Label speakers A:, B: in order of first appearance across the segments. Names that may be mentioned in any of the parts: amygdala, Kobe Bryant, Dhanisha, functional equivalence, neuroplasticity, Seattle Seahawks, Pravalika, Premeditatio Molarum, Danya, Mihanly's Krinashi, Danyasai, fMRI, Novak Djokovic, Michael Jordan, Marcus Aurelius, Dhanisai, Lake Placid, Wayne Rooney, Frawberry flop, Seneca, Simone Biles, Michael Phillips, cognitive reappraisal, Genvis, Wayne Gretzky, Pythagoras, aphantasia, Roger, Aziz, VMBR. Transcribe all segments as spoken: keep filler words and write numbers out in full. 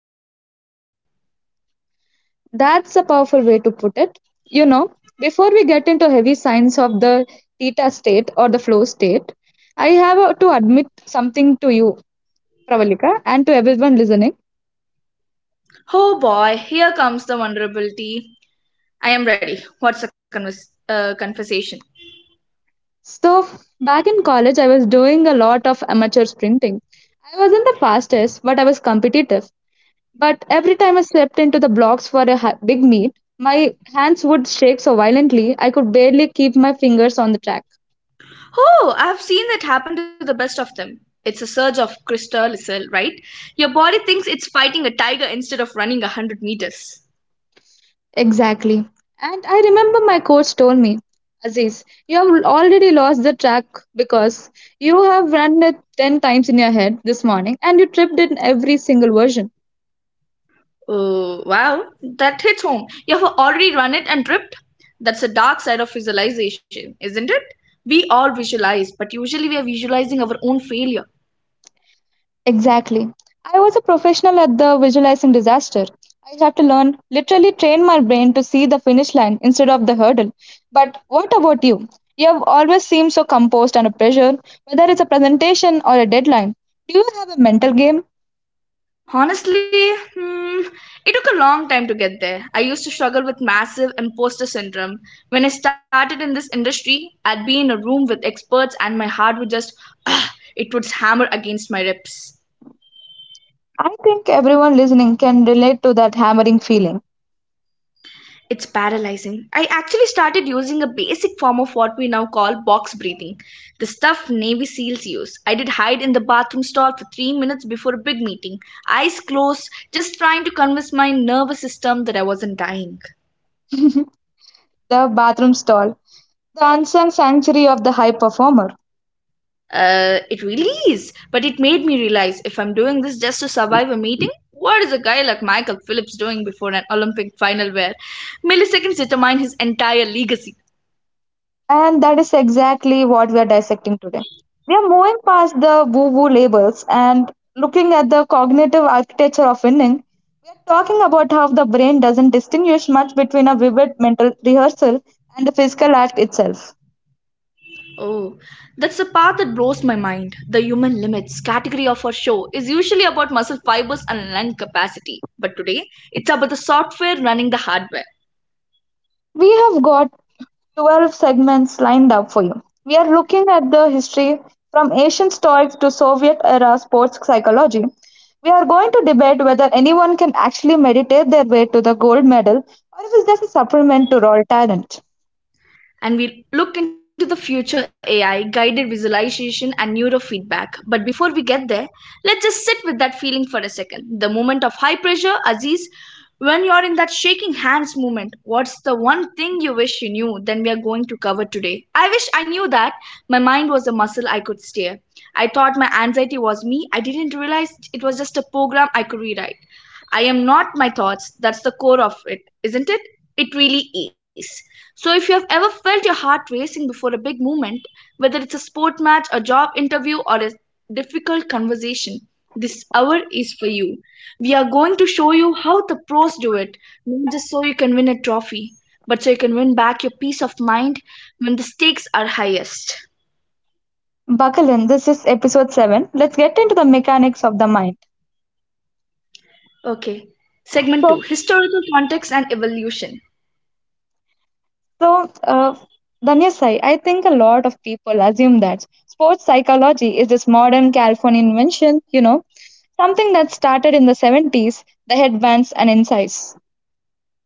A: it's confrontation.
B: That's a powerful way to put it. You know, Before we get into heavy science of the theta state or the flow state, I have uh, to admit something to you, Pravalika, and to everyone listening.
A: Oh boy, here comes the vulnerability. I am ready. What's the convers- uh, conversation?
B: So, back in college, I was doing a lot of amateur sprinting. I wasn't the fastest, but I was competitive. But every time I stepped into the blocks for a ha- big meet, my hands would shake so violently I could barely keep my fingers on the track.
A: Oh, I've seen that happen to the best of them. It's a surge of cortisol, right? Your body thinks it's fighting a tiger instead of running a hundred meters.
B: Exactly. And I remember my coach told me, Aziz, you have already lost the track because you have run it ten times in your head this morning and you tripped in every single version.
A: Oh, wow, that hits home. You have already run it and tripped. That's the dark side of visualization, isn't it? We all visualize, but usually we are visualizing our own failure.
B: Exactly. I was a professional at the visualizing disaster. I had to learn, literally train my brain to see the finish line instead of the hurdle. But what about you? You have always seemed so composed under pressure, whether it's a presentation or a deadline. Do you have a mental game?
A: Honestly, hmm, it took a long time to get there. I used to struggle with massive imposter syndrome. When I started in this industry, I'd be in a room with experts and my heart would just, ah, it would hammer against my ribs.
B: I think everyone listening can relate to that hammering feeling.
A: It's paralyzing. I actually started using a basic form of what we now call box breathing, the stuff Navy SEALs use. I did hide in the bathroom stall for three minutes before a big meeting, eyes closed, just trying to convince my nervous system that I wasn't dying.
B: The bathroom stall, the unsung sanctuary of the high performer.
A: Uh, it really is, but it made me realize if I'm doing this just to survive a meeting, what is a guy like Michael Phillips doing before an Olympic final where milliseconds determine his entire legacy?
B: And that is exactly what we are dissecting today. We are moving past the woo woo labels and looking at the cognitive architecture of winning. We are talking about how the brain doesn't distinguish much between a vivid mental rehearsal and the physical act itself.
A: Oh, that's the part that blows my mind. The human limits category of our show is usually about muscle fibers and lung capacity, but today it's about the software running the hardware.
B: We have got twelve segments lined up for you. We are looking at the history from ancient Stoics to Soviet era sports psychology. We are going to debate whether anyone can actually meditate their way to the gold medal or if it's just a supplement to raw talent.
A: And we look into the future A I, guided visualization, and neurofeedback. But before we get there, let's just sit with that feeling for a second. The moment of high pressure, Aziz, when you're in that shaking hands moment, what's the one thing you wish you knew then we are going to cover today? I wish I knew that my mind was a muscle I could steer. I thought my anxiety was me. I didn't realize it was just a program I could rewrite. I am not my thoughts. That's the core of it, isn't it? It really is. So, if you have ever felt your heart racing before a big movement, whether it's a sport match, a job interview, or a difficult conversation, this hour is for you. We are going to show you how the pros do it, not just so you can win a trophy, but so you can win back your peace of mind when the stakes are highest.
B: Buckle in, this is episode seven. Let's get into the mechanics of the mind.
A: Okay, segment
B: So,
A: two, Historical Context and Evolution.
B: So, uh, Danyasai, I think a lot of people assume that sports psychology is this modern California invention, you know, something that started in the seventies, the headbands and insights.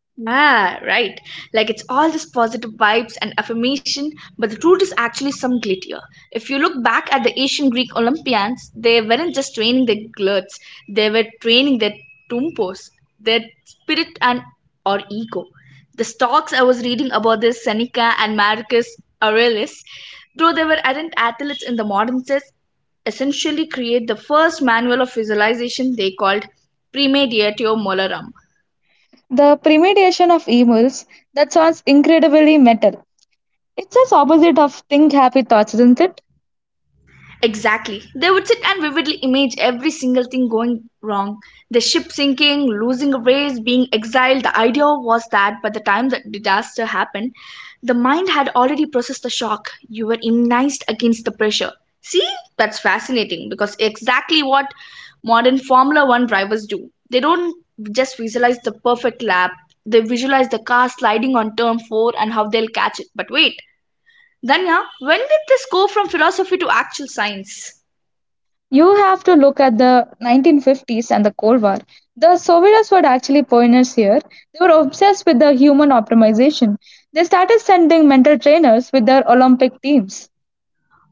A: Ah, right. Like it's all just positive vibes and affirmation, but the truth is actually some glitter. If you look back at the ancient Greek Olympians, they weren't just training their glutes, they were training their tumpos, their spirit and or ego. The stocks I was reading about, this Seneca and Marcus Aurelius, though they were ardent athletes in the modern sense, essentially create the first manual of visualization they called Premeditatio Molarum.
B: The premediation of emails, that sounds incredibly metal. It's just opposite of think happy thoughts, isn't it?
A: Exactly. They would sit and vividly image every single thing going wrong. The ship sinking, losing a race, being exiled. The idea was that by the time the disaster happened, the mind had already processed the shock. You were immunized against the pressure. See, that's fascinating because exactly what modern Formula One drivers do. They don't just visualize the perfect lap, they visualize the car sliding on turn four and how they'll catch it. But wait, Danya, when did this go from philosophy to actual science?
B: You have to look at the nineteen fifties and the Cold War. The Soviets were actually pioneers here. They were obsessed with the human optimization. They started sending mental trainers with their Olympic teams.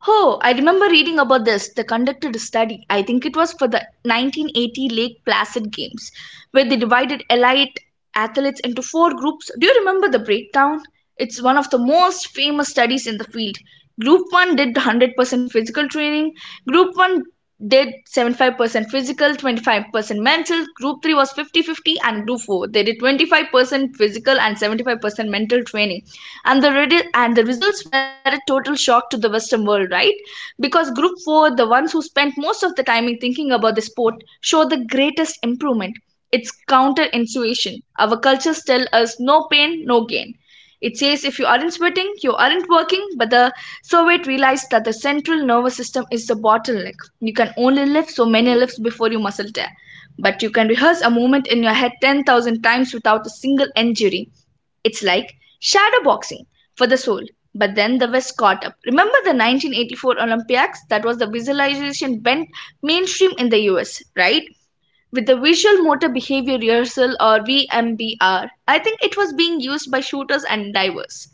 A: Oh, I remember reading about this. They conducted a study, I think it was for the nineteen eighty Lake Placid Games, where they divided elite athletes into four groups. Do you remember the breakdown? It's one of the most famous studies in the field. Group one did one hundred percent physical training, Group one did seventy-five percent physical, twenty-five percent mental. Group three was fifty fifty, and group four they did twenty-five percent physical and seventy-five percent mental training. And the and the results were a total shock to the western world, right? Because group four, the ones who spent most of the time in thinking about the sport, showed the greatest improvement. It's counterintuition. Our cultures tell us no pain, no gain. It says if you aren't sweating, you aren't working, but the Soviet realized that the central nervous system is the bottleneck. You can only lift so many lifts before you muscle tear. But you can rehearse a movement in your head ten thousand times without a single injury. It's like shadow boxing for the soul. But then the West caught up. Remember the nineteen eighty-four Olympiacs? That was the visualization bent mainstream in the U S, right? With the visual motor behavior rehearsal or V M B R. I think it was being used by shooters and divers.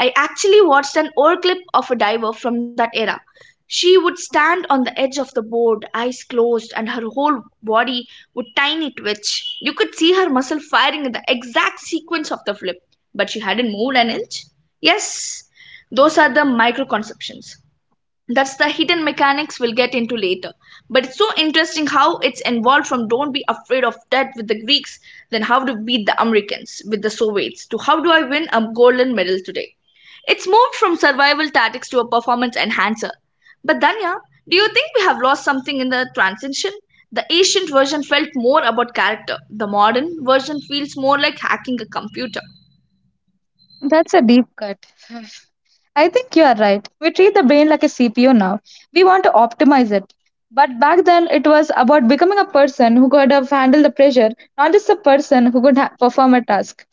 A: I actually watched an old clip of a diver from that era. She would stand on the edge of the board, eyes closed, and her whole body would tiny twitch. You could see her muscle firing in the exact sequence of the flip, but she hadn't moved an inch. Yes, those are the microconceptions, that's the hidden mechanics we'll get into later, but it's so interesting how it's involved from don't be afraid of death with the Greeks, then how to beat the Americans with the Soviets, to how do I win a golden medal today. It's moved from survival tactics to a performance enhancer. But Danya, do you think we have lost something in the transition? The ancient version felt more about character, the modern version feels more like hacking a computer.
B: That's a deep cut. I think you are right. We treat the brain like a C P U now. We want to optimize it. But back then, it was about becoming a person who could have handled the pressure, not just a person who could ha- perform a task.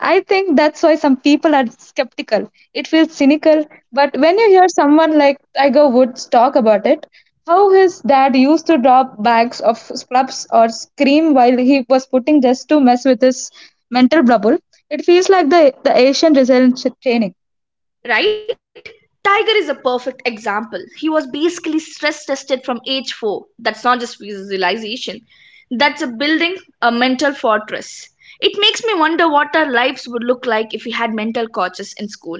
B: I think that's why some people are skeptical. It feels cynical, but when you hear someone like Tiger Woods talk about it, how his dad used to drop bags of clubs or scream while he was putting just to mess with his mental bubble, it feels like the, the Asian resilience training.
A: Right? Tiger is a perfect example. He was basically stress tested from age four. That's not just visualization, that's a building a mental fortress. It makes me wonder what our lives would look like if we had mental coaches in school.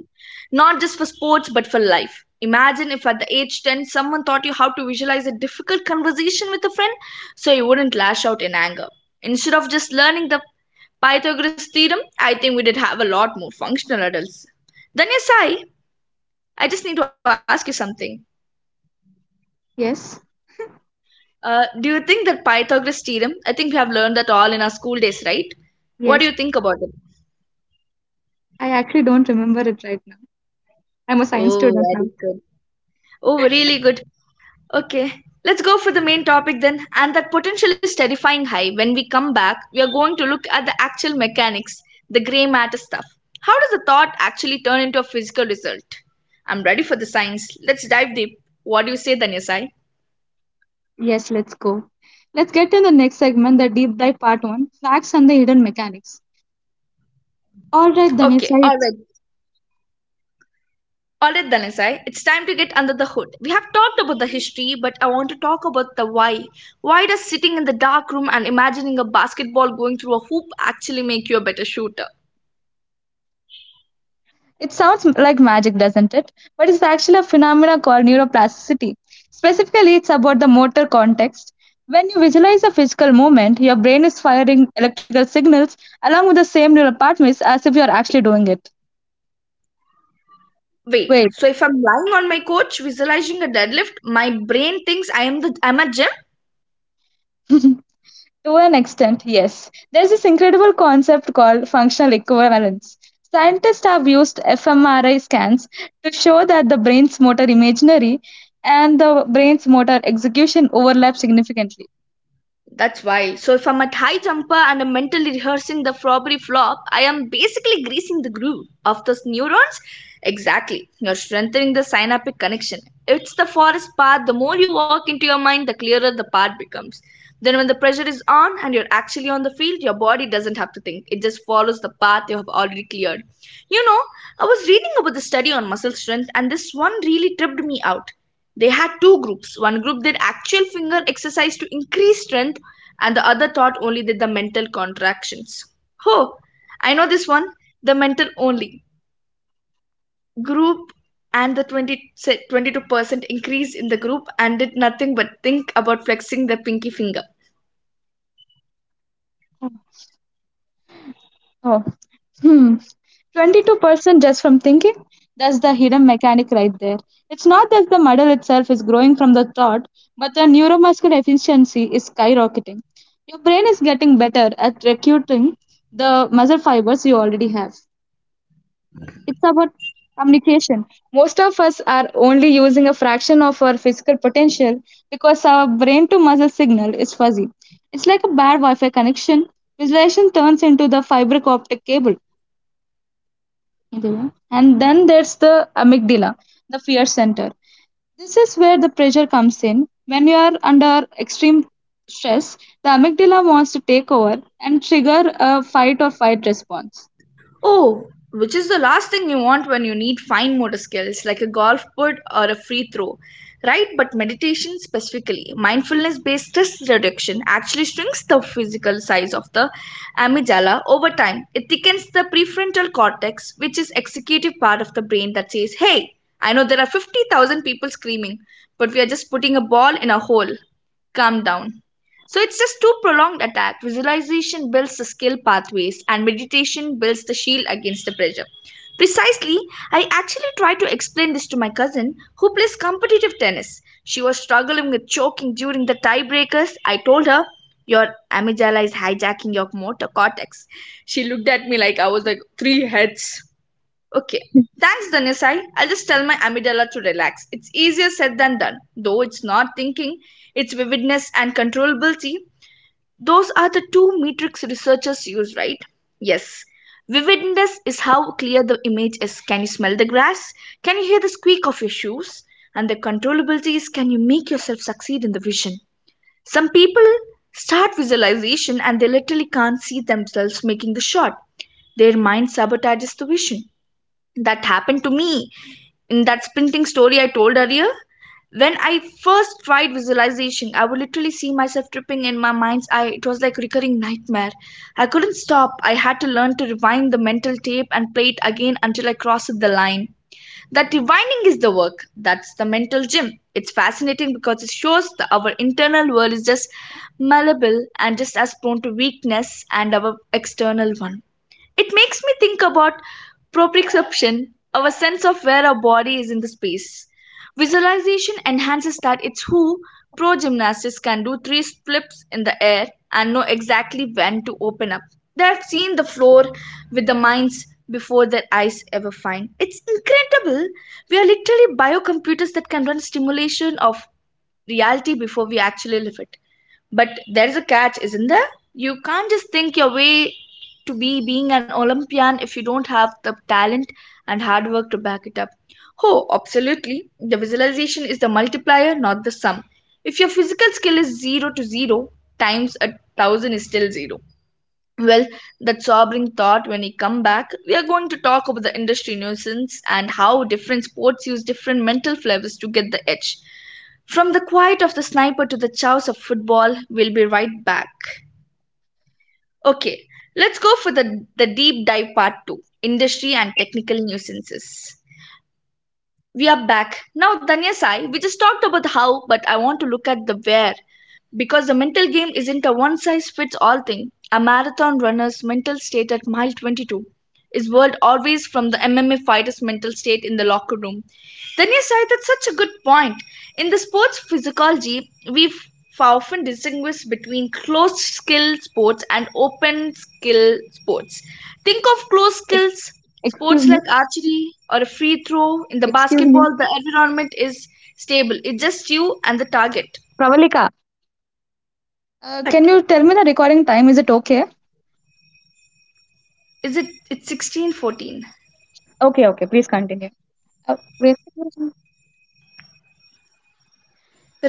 A: Not just for sports, but for life. Imagine if at the age ten someone taught you how to visualize a difficult conversation with a friend so you wouldn't lash out in anger. Instead of just learning the Pythagoras theorem, I think we did have a lot more functional adults. Then you sigh. I just need to ask you something.
B: Yes,
A: Uh, do you think that Pythagoras theorem? I think we have learned that all in our school days, right? What do you
B: yes.
A: think about it?
B: I actually don't remember it right now. I'm a science
A: Oh,
B: student now.
A: very good. Oh, really good. Okay, let's go for the main topic then. And that potential is terrifying high. When we come back, we are going to look at the actual mechanics, the grey matter stuff. How does a thought actually turn into a physical result? I'm ready for the science. Let's dive deep. What do you say, Danyasai?
B: Yes, let's go. Let's get to the next segment, the deep dive part one facts and the hidden mechanics. All right,
A: Okay,
B: Dhanisha.
A: alright. Alright, Dhanisai, it's time to get under the hood. We have talked about the history, but I want to talk about the why. Why does sitting in the dark room and imagining a basketball going through a hoop actually make you a better shooter?
B: It sounds m- like magic, doesn't it? But it's actually a phenomenon called neuroplasticity. Specifically, it's about the motor context. When you visualize a physical movement, your brain is firing electrical signals along with the same neural pathways as if you are actually doing it.
A: Wait,
B: Wait,
A: so if I'm lying on my couch visualizing a deadlift, my brain thinks I am the I'm a gym?
B: to an extent, yes. There's this incredible concept called functional equivalence. Scientists have used fMRI scans to show that the brain's motor imaginary and the brain's motor execution overlap significantly.
A: That's why. So if I'm a high jumper and I'm mentally rehearsing the Frawberry flop, I am basically greasing the groove of those neurons. Exactly. You're strengthening the synaptic connection. It's the forest path. The more you walk into your mind, the clearer the path becomes. Then when the pressure is on and you're actually on the field, your body doesn't have to think. It just follows the path you have already cleared. You know, I was reading about the study on muscle strength and this one really tripped me out. They had two groups. One group did actual finger exercise to increase strength, and the other thought only did the mental contractions. Oh, I know this one. The mental only group and the twenty twenty-two percent increase in the group and did nothing but think about flexing their pinky finger.
B: Oh, hmm. twenty-two percent just from thinking? That's the hidden mechanic right there. It's not that the model itself is growing from the thought, but the neuromuscular efficiency is skyrocketing. Your brain is getting better at recruiting the muscle fibers you already have. It's about communication. Most of us are only using a fraction of our physical potential because our brain to muscle signal is fuzzy. It's like a bad Wi Fi connection. Visualization turns into the fiber optic cable. Indira. And then there's the amygdala, the fear center. This is where the pressure comes in. When you are under extreme stress, the amygdala wants to take over and trigger a fight or flight response.
A: Oh, which is the last thing you want when you need fine motor skills like a golf putt or a free throw, right? But meditation, specifically mindfulness based stress reduction, actually shrinks the physical size of the amygdala over time. It thickens the prefrontal cortex, which is executive part of the brain that says, "Hey, I know there are fifty thousand people screaming, but we are just putting a ball in a hole. Calm down." So it's just too prolonged attack. Visualization builds the skill pathways and meditation builds the shield against the pressure. Precisely, I actually tried to explain this to my cousin who plays competitive tennis. She was struggling with choking during the tiebreakers. I told her, "Your amygdala is hijacking your motor cortex." She looked at me like I was like three heads. Okay. Thanks, Dhanisai. I'll just tell my amygdala to relax. It's easier said than done. Though it's not thinking, its vividness and controllability, those are the two metrics researchers use, right? Yes. Vividness is how clear the image is. Can you smell the grass? Can you hear the squeak of your shoes? And the controllability is, can you make yourself succeed in the vision? Some people start visualization and they literally can't see themselves making the shot. Their mind sabotages the vision. That happened to me in that sprinting story I told earlier. When I first tried visualization, I would literally see myself tripping in my mind's eye. It was like a recurring nightmare. I couldn't stop. I had to learn to rewind the mental tape and play it again until I crossed the line. That rewinding is the work. That's the mental gym. It's fascinating because it shows that our internal world is just malleable and just as prone to weakness and our external one. It makes me think about proprioception, our sense of where our body is in the space. Visualization enhances that. It's who pro gymnasts can do three flips in the air and know exactly when to open up. They have seen the floor with the minds before their eyes ever find. It's incredible. We are literally biocomputers that can run stimulation of reality before we actually live it. But there is a catch, isn't there? You can't just think your way to be being an Olympian if you don't have the talent and hard work to back it up. Oh, absolutely. The visualization is the multiplier, not the sum. If your physical skill is zero to zero, times a thousand is still zero. Well, that sobering thought, when we come back, we are going to talk about the industry nuisance and how different sports use different mental flavors to get the edge. From the quiet of the sniper to the chows of football, we'll be right back. Okay, let's go for the, the deep dive part two, industry and technical nuisances. We are back. Now, Danya Sai, we just talked about the how, but I want to look at the where. Because the mental game isn't a one size fits all thing. A marathon runner's mental state at mile twenty-two is world always from the M M A fighter's mental state in the locker room. Then you cited such a good point. In the sports physiology, we f- often distinguish between closed skill sports and open skill sports. Think of closed skills
B: Ex- Excuse
A: sports
B: me.
A: like archery or a free throw. In the
B: Excuse me.
A: basketball, the environment is stable. It's just you and the target.
B: Pravalika, uh, can
A: What?
B: you tell me the recording time? Is it okay?
A: Is it it's sixteen fourteen?
B: Okay, okay. Please continue. Uh, wait.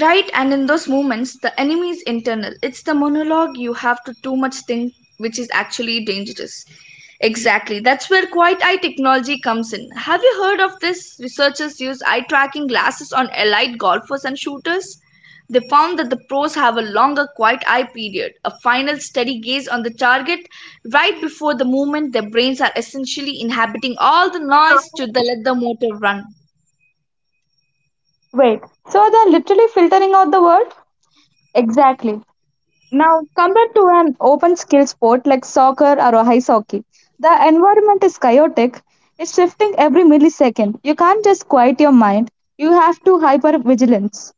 A: Right, and in those moments, the enemy is internal. It's the monologue you have to too much think, which is actually dangerous. Exactly, that's where quiet eye technology comes in. Have you heard of this? Researchers use eye tracking glasses on elite golfers and shooters. They found that the pros have a longer quiet eye period, a final steady gaze on the target right before the movement. Their brains are essentially inhabiting all the noise to the let the motor run.
B: Wait. So they're literally filtering out the word? Exactly. Now, compared to an open skill sport like soccer or a ice hockey, the environment is chaotic. It's shifting every millisecond. You can't just quiet your mind. You have to hyper vigilance.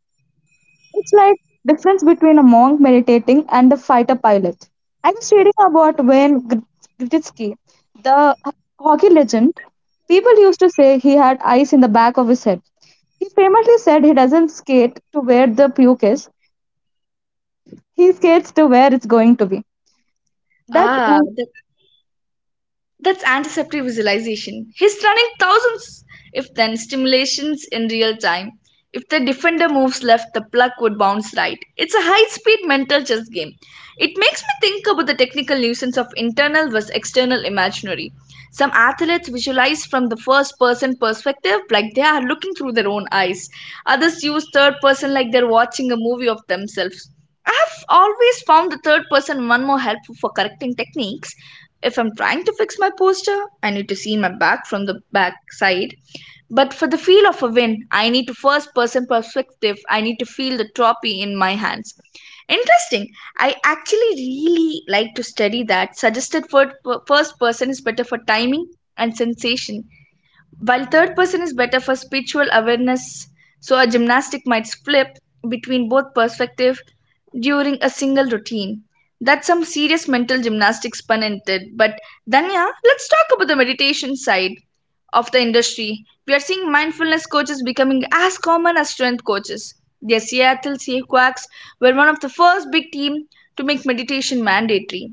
B: It's like difference between a monk meditating and a fighter pilot. I was reading about Wayne Gr- Gretzky, the hockey legend. People used to say he had ice in the back of his head. He famously said he doesn't skate to where the puke is. He skates to where it's going to be. That's
A: Ah,
B: uh,
A: that's antiseptic visualization. He's running thousands if then stimulations in real time. If the defender moves left, the puck would bounce right. It's a high speed mental chess game. It makes me think about the technical nuisance of internal versus external imaginary. Some athletes visualize from the first person perspective, like they are looking through their own eyes. Others use third person, like they're watching a movie of themselves. I have always found the third person one more helpful for correcting techniques. If I'm trying to fix my posture, I need to see my back from the back side. But for the feel of a win, I need to first person perspective. I need to feel the trophy in my hands. Interesting. I actually really like to study that. Suggested for first person is better for timing and sensation, while third person is better for spiritual awareness, so a gymnastic might flip between both perspective during a single routine. That's some serious mental gymnastics, pun intended. But Danya, let's talk about the meditation side of the industry. We are seeing mindfulness coaches becoming as common as strength coaches. The Seattle Seahawks were one of the first big team to make meditation mandatory.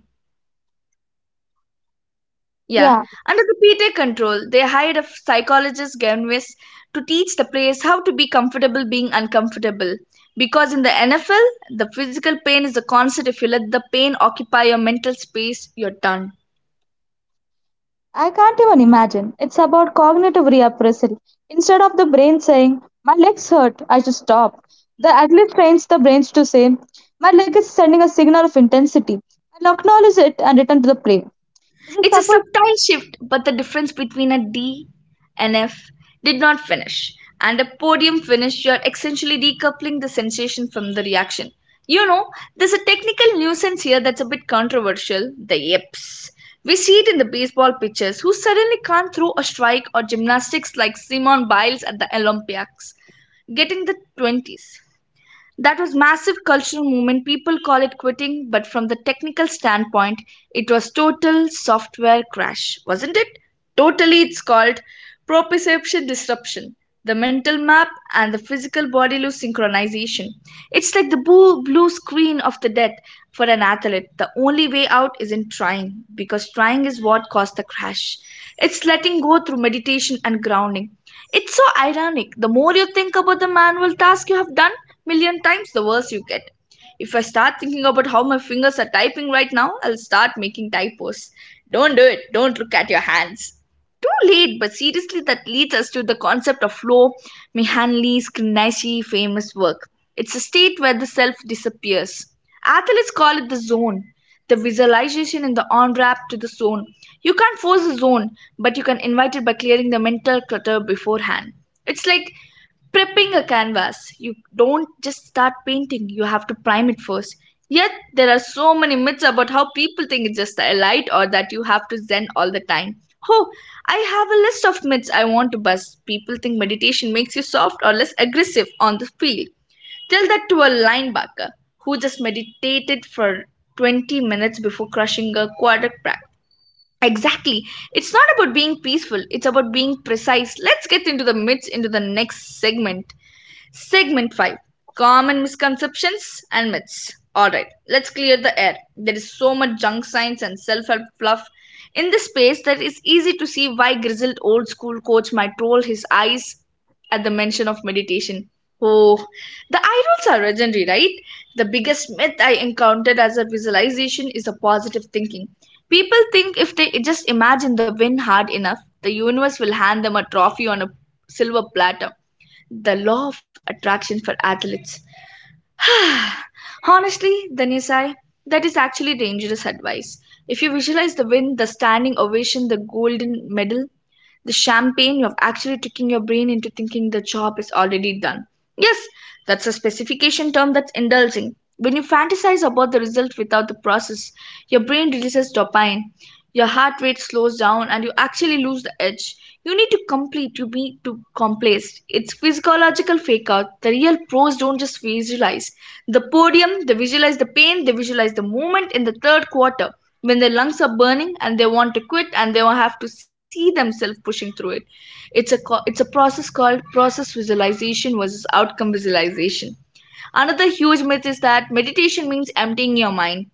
A: Yeah,
B: yeah.
A: under the P T A control, they hired a psychologist, Genvis, to teach the players how to be comfortable being uncomfortable. Because in the N F L, the physical pain is a constant. If you let the pain occupy your mental space, you're done.
B: I can't even imagine. It's about cognitive reappraisal. Instead of the brain saying, my legs hurt, I should stop, the athlete trains the brains to say, my leg is sending a signal of intensity. I'll acknowledge it and return to the play. Is it
A: It's a
B: supposed?
A: subtle shift, but the difference between a D and F, did not finish, and a podium finish, you are essentially decoupling the sensation from the reaction. You know, there's a technical nuisance here that's a bit controversial, the yips. We see it in the baseball pitchers who suddenly can't throw a strike, or gymnastics like Simone Biles at the Olympics, getting the twenties. That was massive cultural movement. People call it quitting, but from the technical standpoint, it was total software crash, wasn't it? Totally, it's called proprioception disruption. The mental map and the physical body lose synchronization. It's like the blue, blue screen of the death for an athlete. The only way out isn't trying, because trying is what caused the crash. It's letting go through meditation and grounding. It's so ironic. The more you think about the manual task you have done million times, the worse you get. If I start thinking about how my fingers are typing right now, I'll start making typos. Don't do it. Don't look at your hands, too late, but seriously, that leads us to the concept of flow, Mihanly's Krinashi famous work. It's a state where the self disappears. Athletes call it the zone, the visualization in the on ramp to the zone. You can't force the zone, but you can invite it by clearing the mental clutter beforehand. It's like prepping a canvas. You don't just start painting, you have to prime it first. Yet there are so many myths about how people think it's just a light or that you have to zen all the time. Oh, I have a list of myths I want to bust. People think meditation makes you soft or less aggressive on the field. Tell that to a linebacker who just meditated for twenty minutes before crushing a quarterback. Exactly. It's not about being peaceful, it's about being precise. Let's get into the myths into the next segment. Segment five, Common Misconceptions and Myths. Alright, let's clear the air. There is so much junk science and self help fluff in this space that it's easy to see why grizzled old school coach might roll his eyes at the mention of meditation. Oh, the eye rolls are legendary, right? The biggest myth I encountered as a visualization is a positive thinking. People think if they just imagine the win hard enough, the universe will hand them a trophy on a silver platter, the law of attraction for athletes. Honestly, Danisai, that is actually dangerous advice. If you visualize the win, the standing ovation, the golden medal, the champagne, you've actually tricking your brain into thinking the job is already done. Yes, that's a specification term, that's indulging. When you fantasize about the result without the process, your brain releases dopamine, your heart rate slows down, and you actually lose the edge. You need to complete. You need to complaced. It's physiological fake out. The real pros don't just visualize the podium, they visualize the pain, they visualize the moment in the third quarter when their lungs are burning and they want to quit, and they have to see themselves pushing through it. It's a it's a process called process visualization versus outcome visualization. Another huge myth is that meditation means emptying your mind.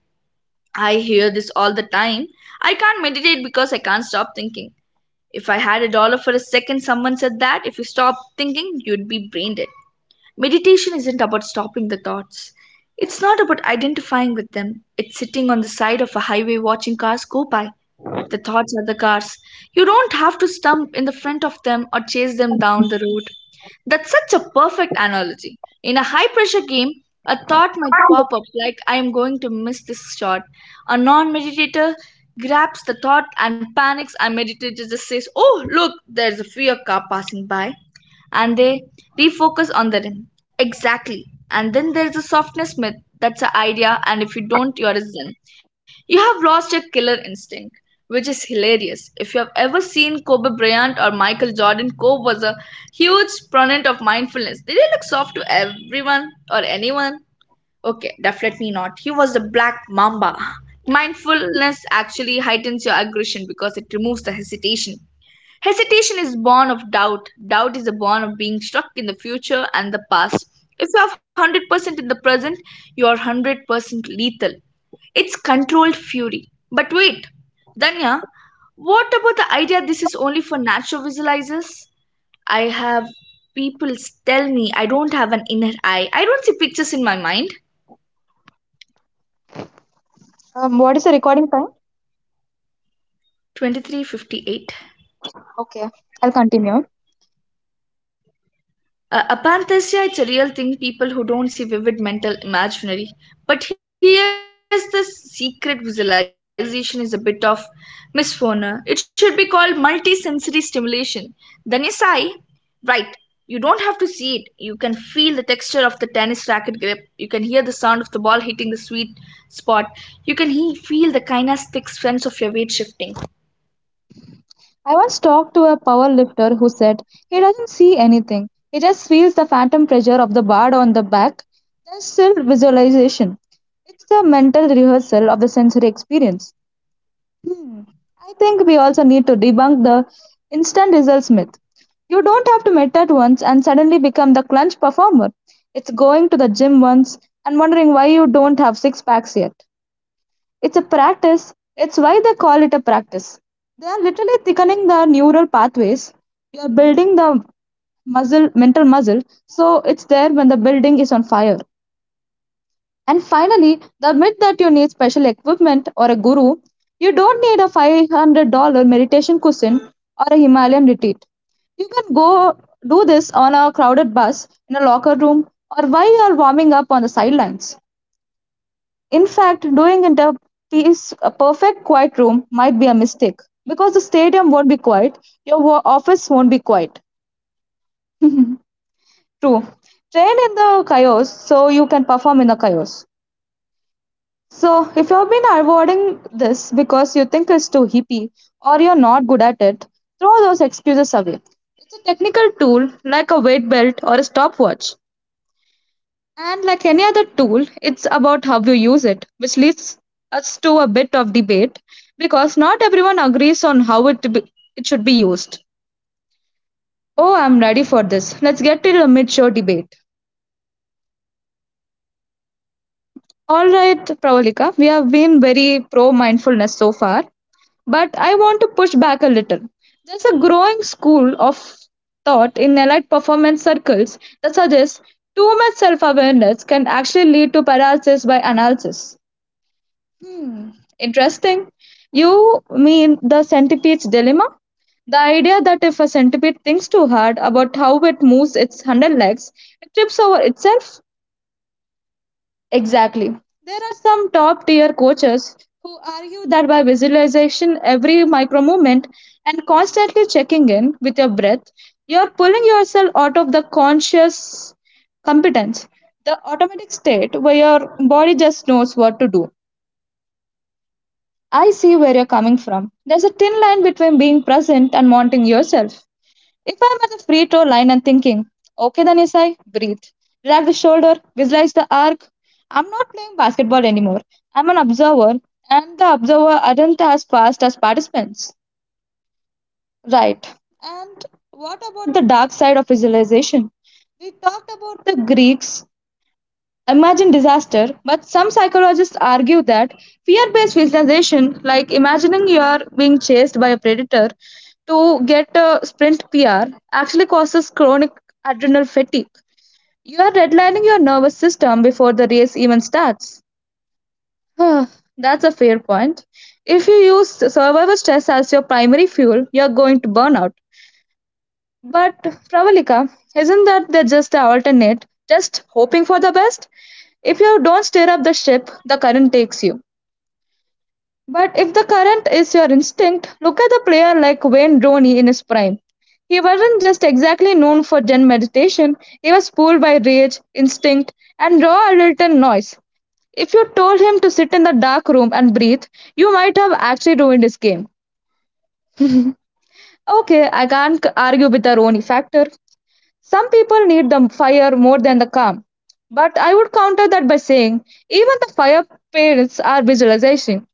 A: I hear this all the time. I can't meditate because I can't stop thinking. If I had a dollar for a second someone said that, if you stop thinking, you'd be brain dead. Meditation isn't about stopping the thoughts. It's not about identifying with them. It's sitting on the side of a highway watching cars go by. The thoughts are the cars. You don't have to stump in the front of them or chase them down the road. That's such a perfect analogy. In a high pressure game, a thought might pop up like, I am going to miss this shot. A non meditator grabs the thought and panics, and meditator just says, "Oh, look, there's a fear car passing by," and they refocus on the rim. Exactly. And then there's a softness myth, that's an idea, and if you don't, you're a zen. You have lost your killer instinct, which is hilarious. If you have ever seen Kobe Bryant or Michael Jordan, Kobe was a huge proponent of mindfulness. Did he look soft to everyone or anyone? Okay, definitely not. He was the black mamba. Mindfulness actually heightens your aggression because it removes the hesitation. Hesitation is born of doubt. Doubt is a born of being stuck in the future and the past. If you have one hundred percent in the present, you are one hundred percent lethal. It's controlled fury. But wait, Danya, what about the idea this is only for natural visualizers? I have people tell me I don't have an inner eye. I don't see pictures in my mind.
B: Um, what is the recording time?
A: twenty-three fifty-eight.
B: Okay, I'll continue.
A: Uh, Aphantasia, it's a real thing, people who don't see vivid mental imaginary. But here's the secret, visualization is a bit of misnomer. It should be called multisensory stimulation. Then you sigh. Right. You don't have to see it. You can feel the texture of the tennis racket grip. You can hear the sound of the ball hitting the sweet spot. You can he- feel the kinesthetic sense of your weight shifting.
B: I once talked to a power lifter who said he doesn't see anything. He just feels the phantom pressure of the bar on the back. There's still visualization. It's the mental rehearsal of the sensory experience. Hmm. I think we also need to debunk the instant results myth. You don't have to meet meditate once and suddenly become the clunge performer. It's going to the gym once and wondering why you don't have six packs yet. It's a practice. It's why they call it a practice. They are literally thickening the neural pathways. You are building the muscle, mental muscle, so it's there when the building is on fire. And finally, the myth that you need special equipment or a guru. You don't need a five hundred dollars meditation cushion or a Himalayan retreat. You can go do this on a crowded bus, in a locker room, or while you are warming up on the sidelines. In fact, doing it in a, peace, a perfect quiet room might be a mistake because the stadium won't be quiet, your wo- office won't be quiet. True. Train in the chaos so you can perform in the chaos. So, if you've been avoiding this because you think it's too hippie or you're not good at it, throw those excuses away. It's a technical tool like a weight belt or a stopwatch. And like any other tool, it's about how you use it, which leads us to a bit of debate because not everyone agrees on how it, be, it should be used. Oh, I'm ready for this. Let's get to the mid show debate. All right, Pravalika, we have been very pro mindfulness so far. But I want to push back a little. There's a growing school of thought in elite performance circles that suggests too much self awareness can actually lead to paralysis by analysis. Hmm, interesting. You mean the centipede's dilemma? The idea that if a centipede thinks too hard about how it moves its hundred legs, it trips over itself? Exactly. There are some top tier coaches who argue that by visualization every micro movement and constantly checking in with your breath, you're pulling yourself out of the conscious competence, the automatic state where your body just knows what to do. I see where you're coming from. There's a thin line between being present and wanting yourself. If I'm at the free throw line and thinking, okay then yes, I breathe. Relax the shoulder, visualize the arc. I'm not playing basketball anymore. I'm an observer, and the observer aren't as fast as participants. Right. And what about the dark side of visualization? We talked about the Greeks imagine disaster, but some psychologists argue that fear based visualization, like imagining you are being chased by a predator to get a sprint P R, actually causes chronic adrenal fatigue. You are redlining your nervous system before the race even starts. Huh, that's a fair point. If you use survival stress as your primary fuel, you're going to burn out. But Pravalika, isn't that the just the alternate? Just hoping for the best? If you don't steer up the ship, the current takes you. But if the current is your instinct, look at the player like Wayne Rooney in his prime. He wasn't just exactly known for Zen meditation, he was pulled by rage, instinct, and raw Alton noise. If you told him to sit in the dark room and breathe, you might have actually ruined his game. Okay, I can't argue with the Rooney factor. Some people need the fire more than the calm. But I would counter that by saying even the fire parents are visualization.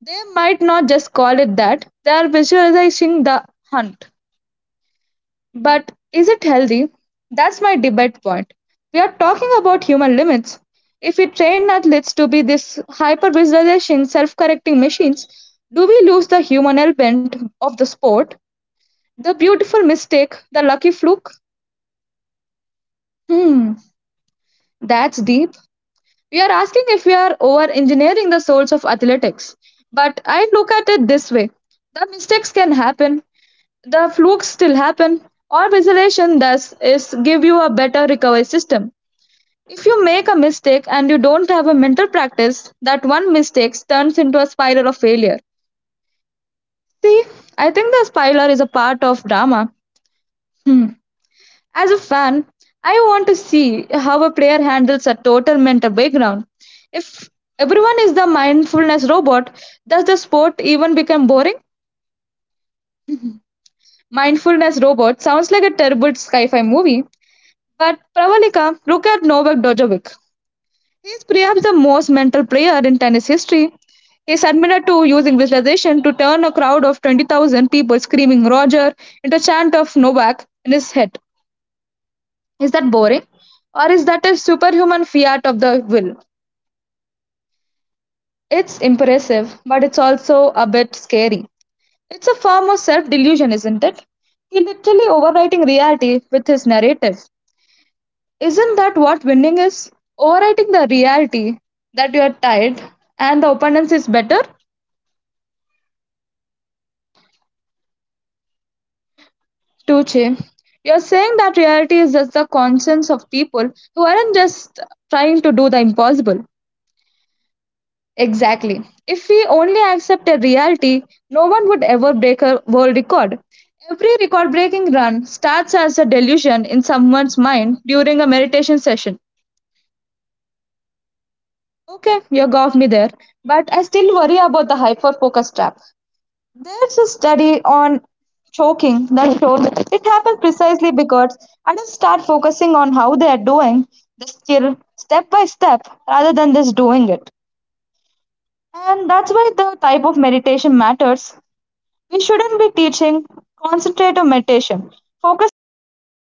B: They might not just call it that, they are visualizing the hunt. But is it healthy? That's my debate point. We are talking about human limits. If we train athletes to be this hyper visualization, self correcting machines, do we lose the human element of the sport? The beautiful mistake, the lucky fluke? Hmm, that's deep. We are asking if we are over engineering the souls of athletics. But I look at it this way, the mistakes can happen, the flukes still happen. Our resolution thus is give you a better recovery system. If you make a mistake and you don't have a mental practice, that one mistake turns into a spiral of failure. See, I think the spiral is a part of drama. Hmm. As a fan, I want to see how a player handles a total mental background. If everyone is the mindfulness robot, does the sport even become boring? Mindfulness robot sounds like a terrible sci-fi movie, but Pravalika, look at Novak Djokovic. He is perhaps the most mental player in tennis history. He is admitted to using visualization to turn a crowd of twenty thousand people screaming Roger into a chant of Novak in his head. Is that boring? Or is that a superhuman fiat of the will? It's impressive, but it's also a bit scary. It's a form of self delusion, isn't it? He literally overwriting reality with his narrative. Isn't that what winning is? Overwriting the reality that you are tired and the opponent is better? Tuche, you're saying that reality is just the conscience of people who aren't just trying to do the impossible. Exactly. If we only accepted reality, no one would ever break a world record. Every record breaking run starts as a delusion in someone's mind during a meditation session. Okay, you got me there, but I still worry about the hyper focus trap. There's a study on choking that showed it happens precisely because adults start focusing on how they are doing the skill step by step rather than just doing it. And that's why the type of meditation matters. We shouldn't be teaching concentrative meditation. Focusing on one thing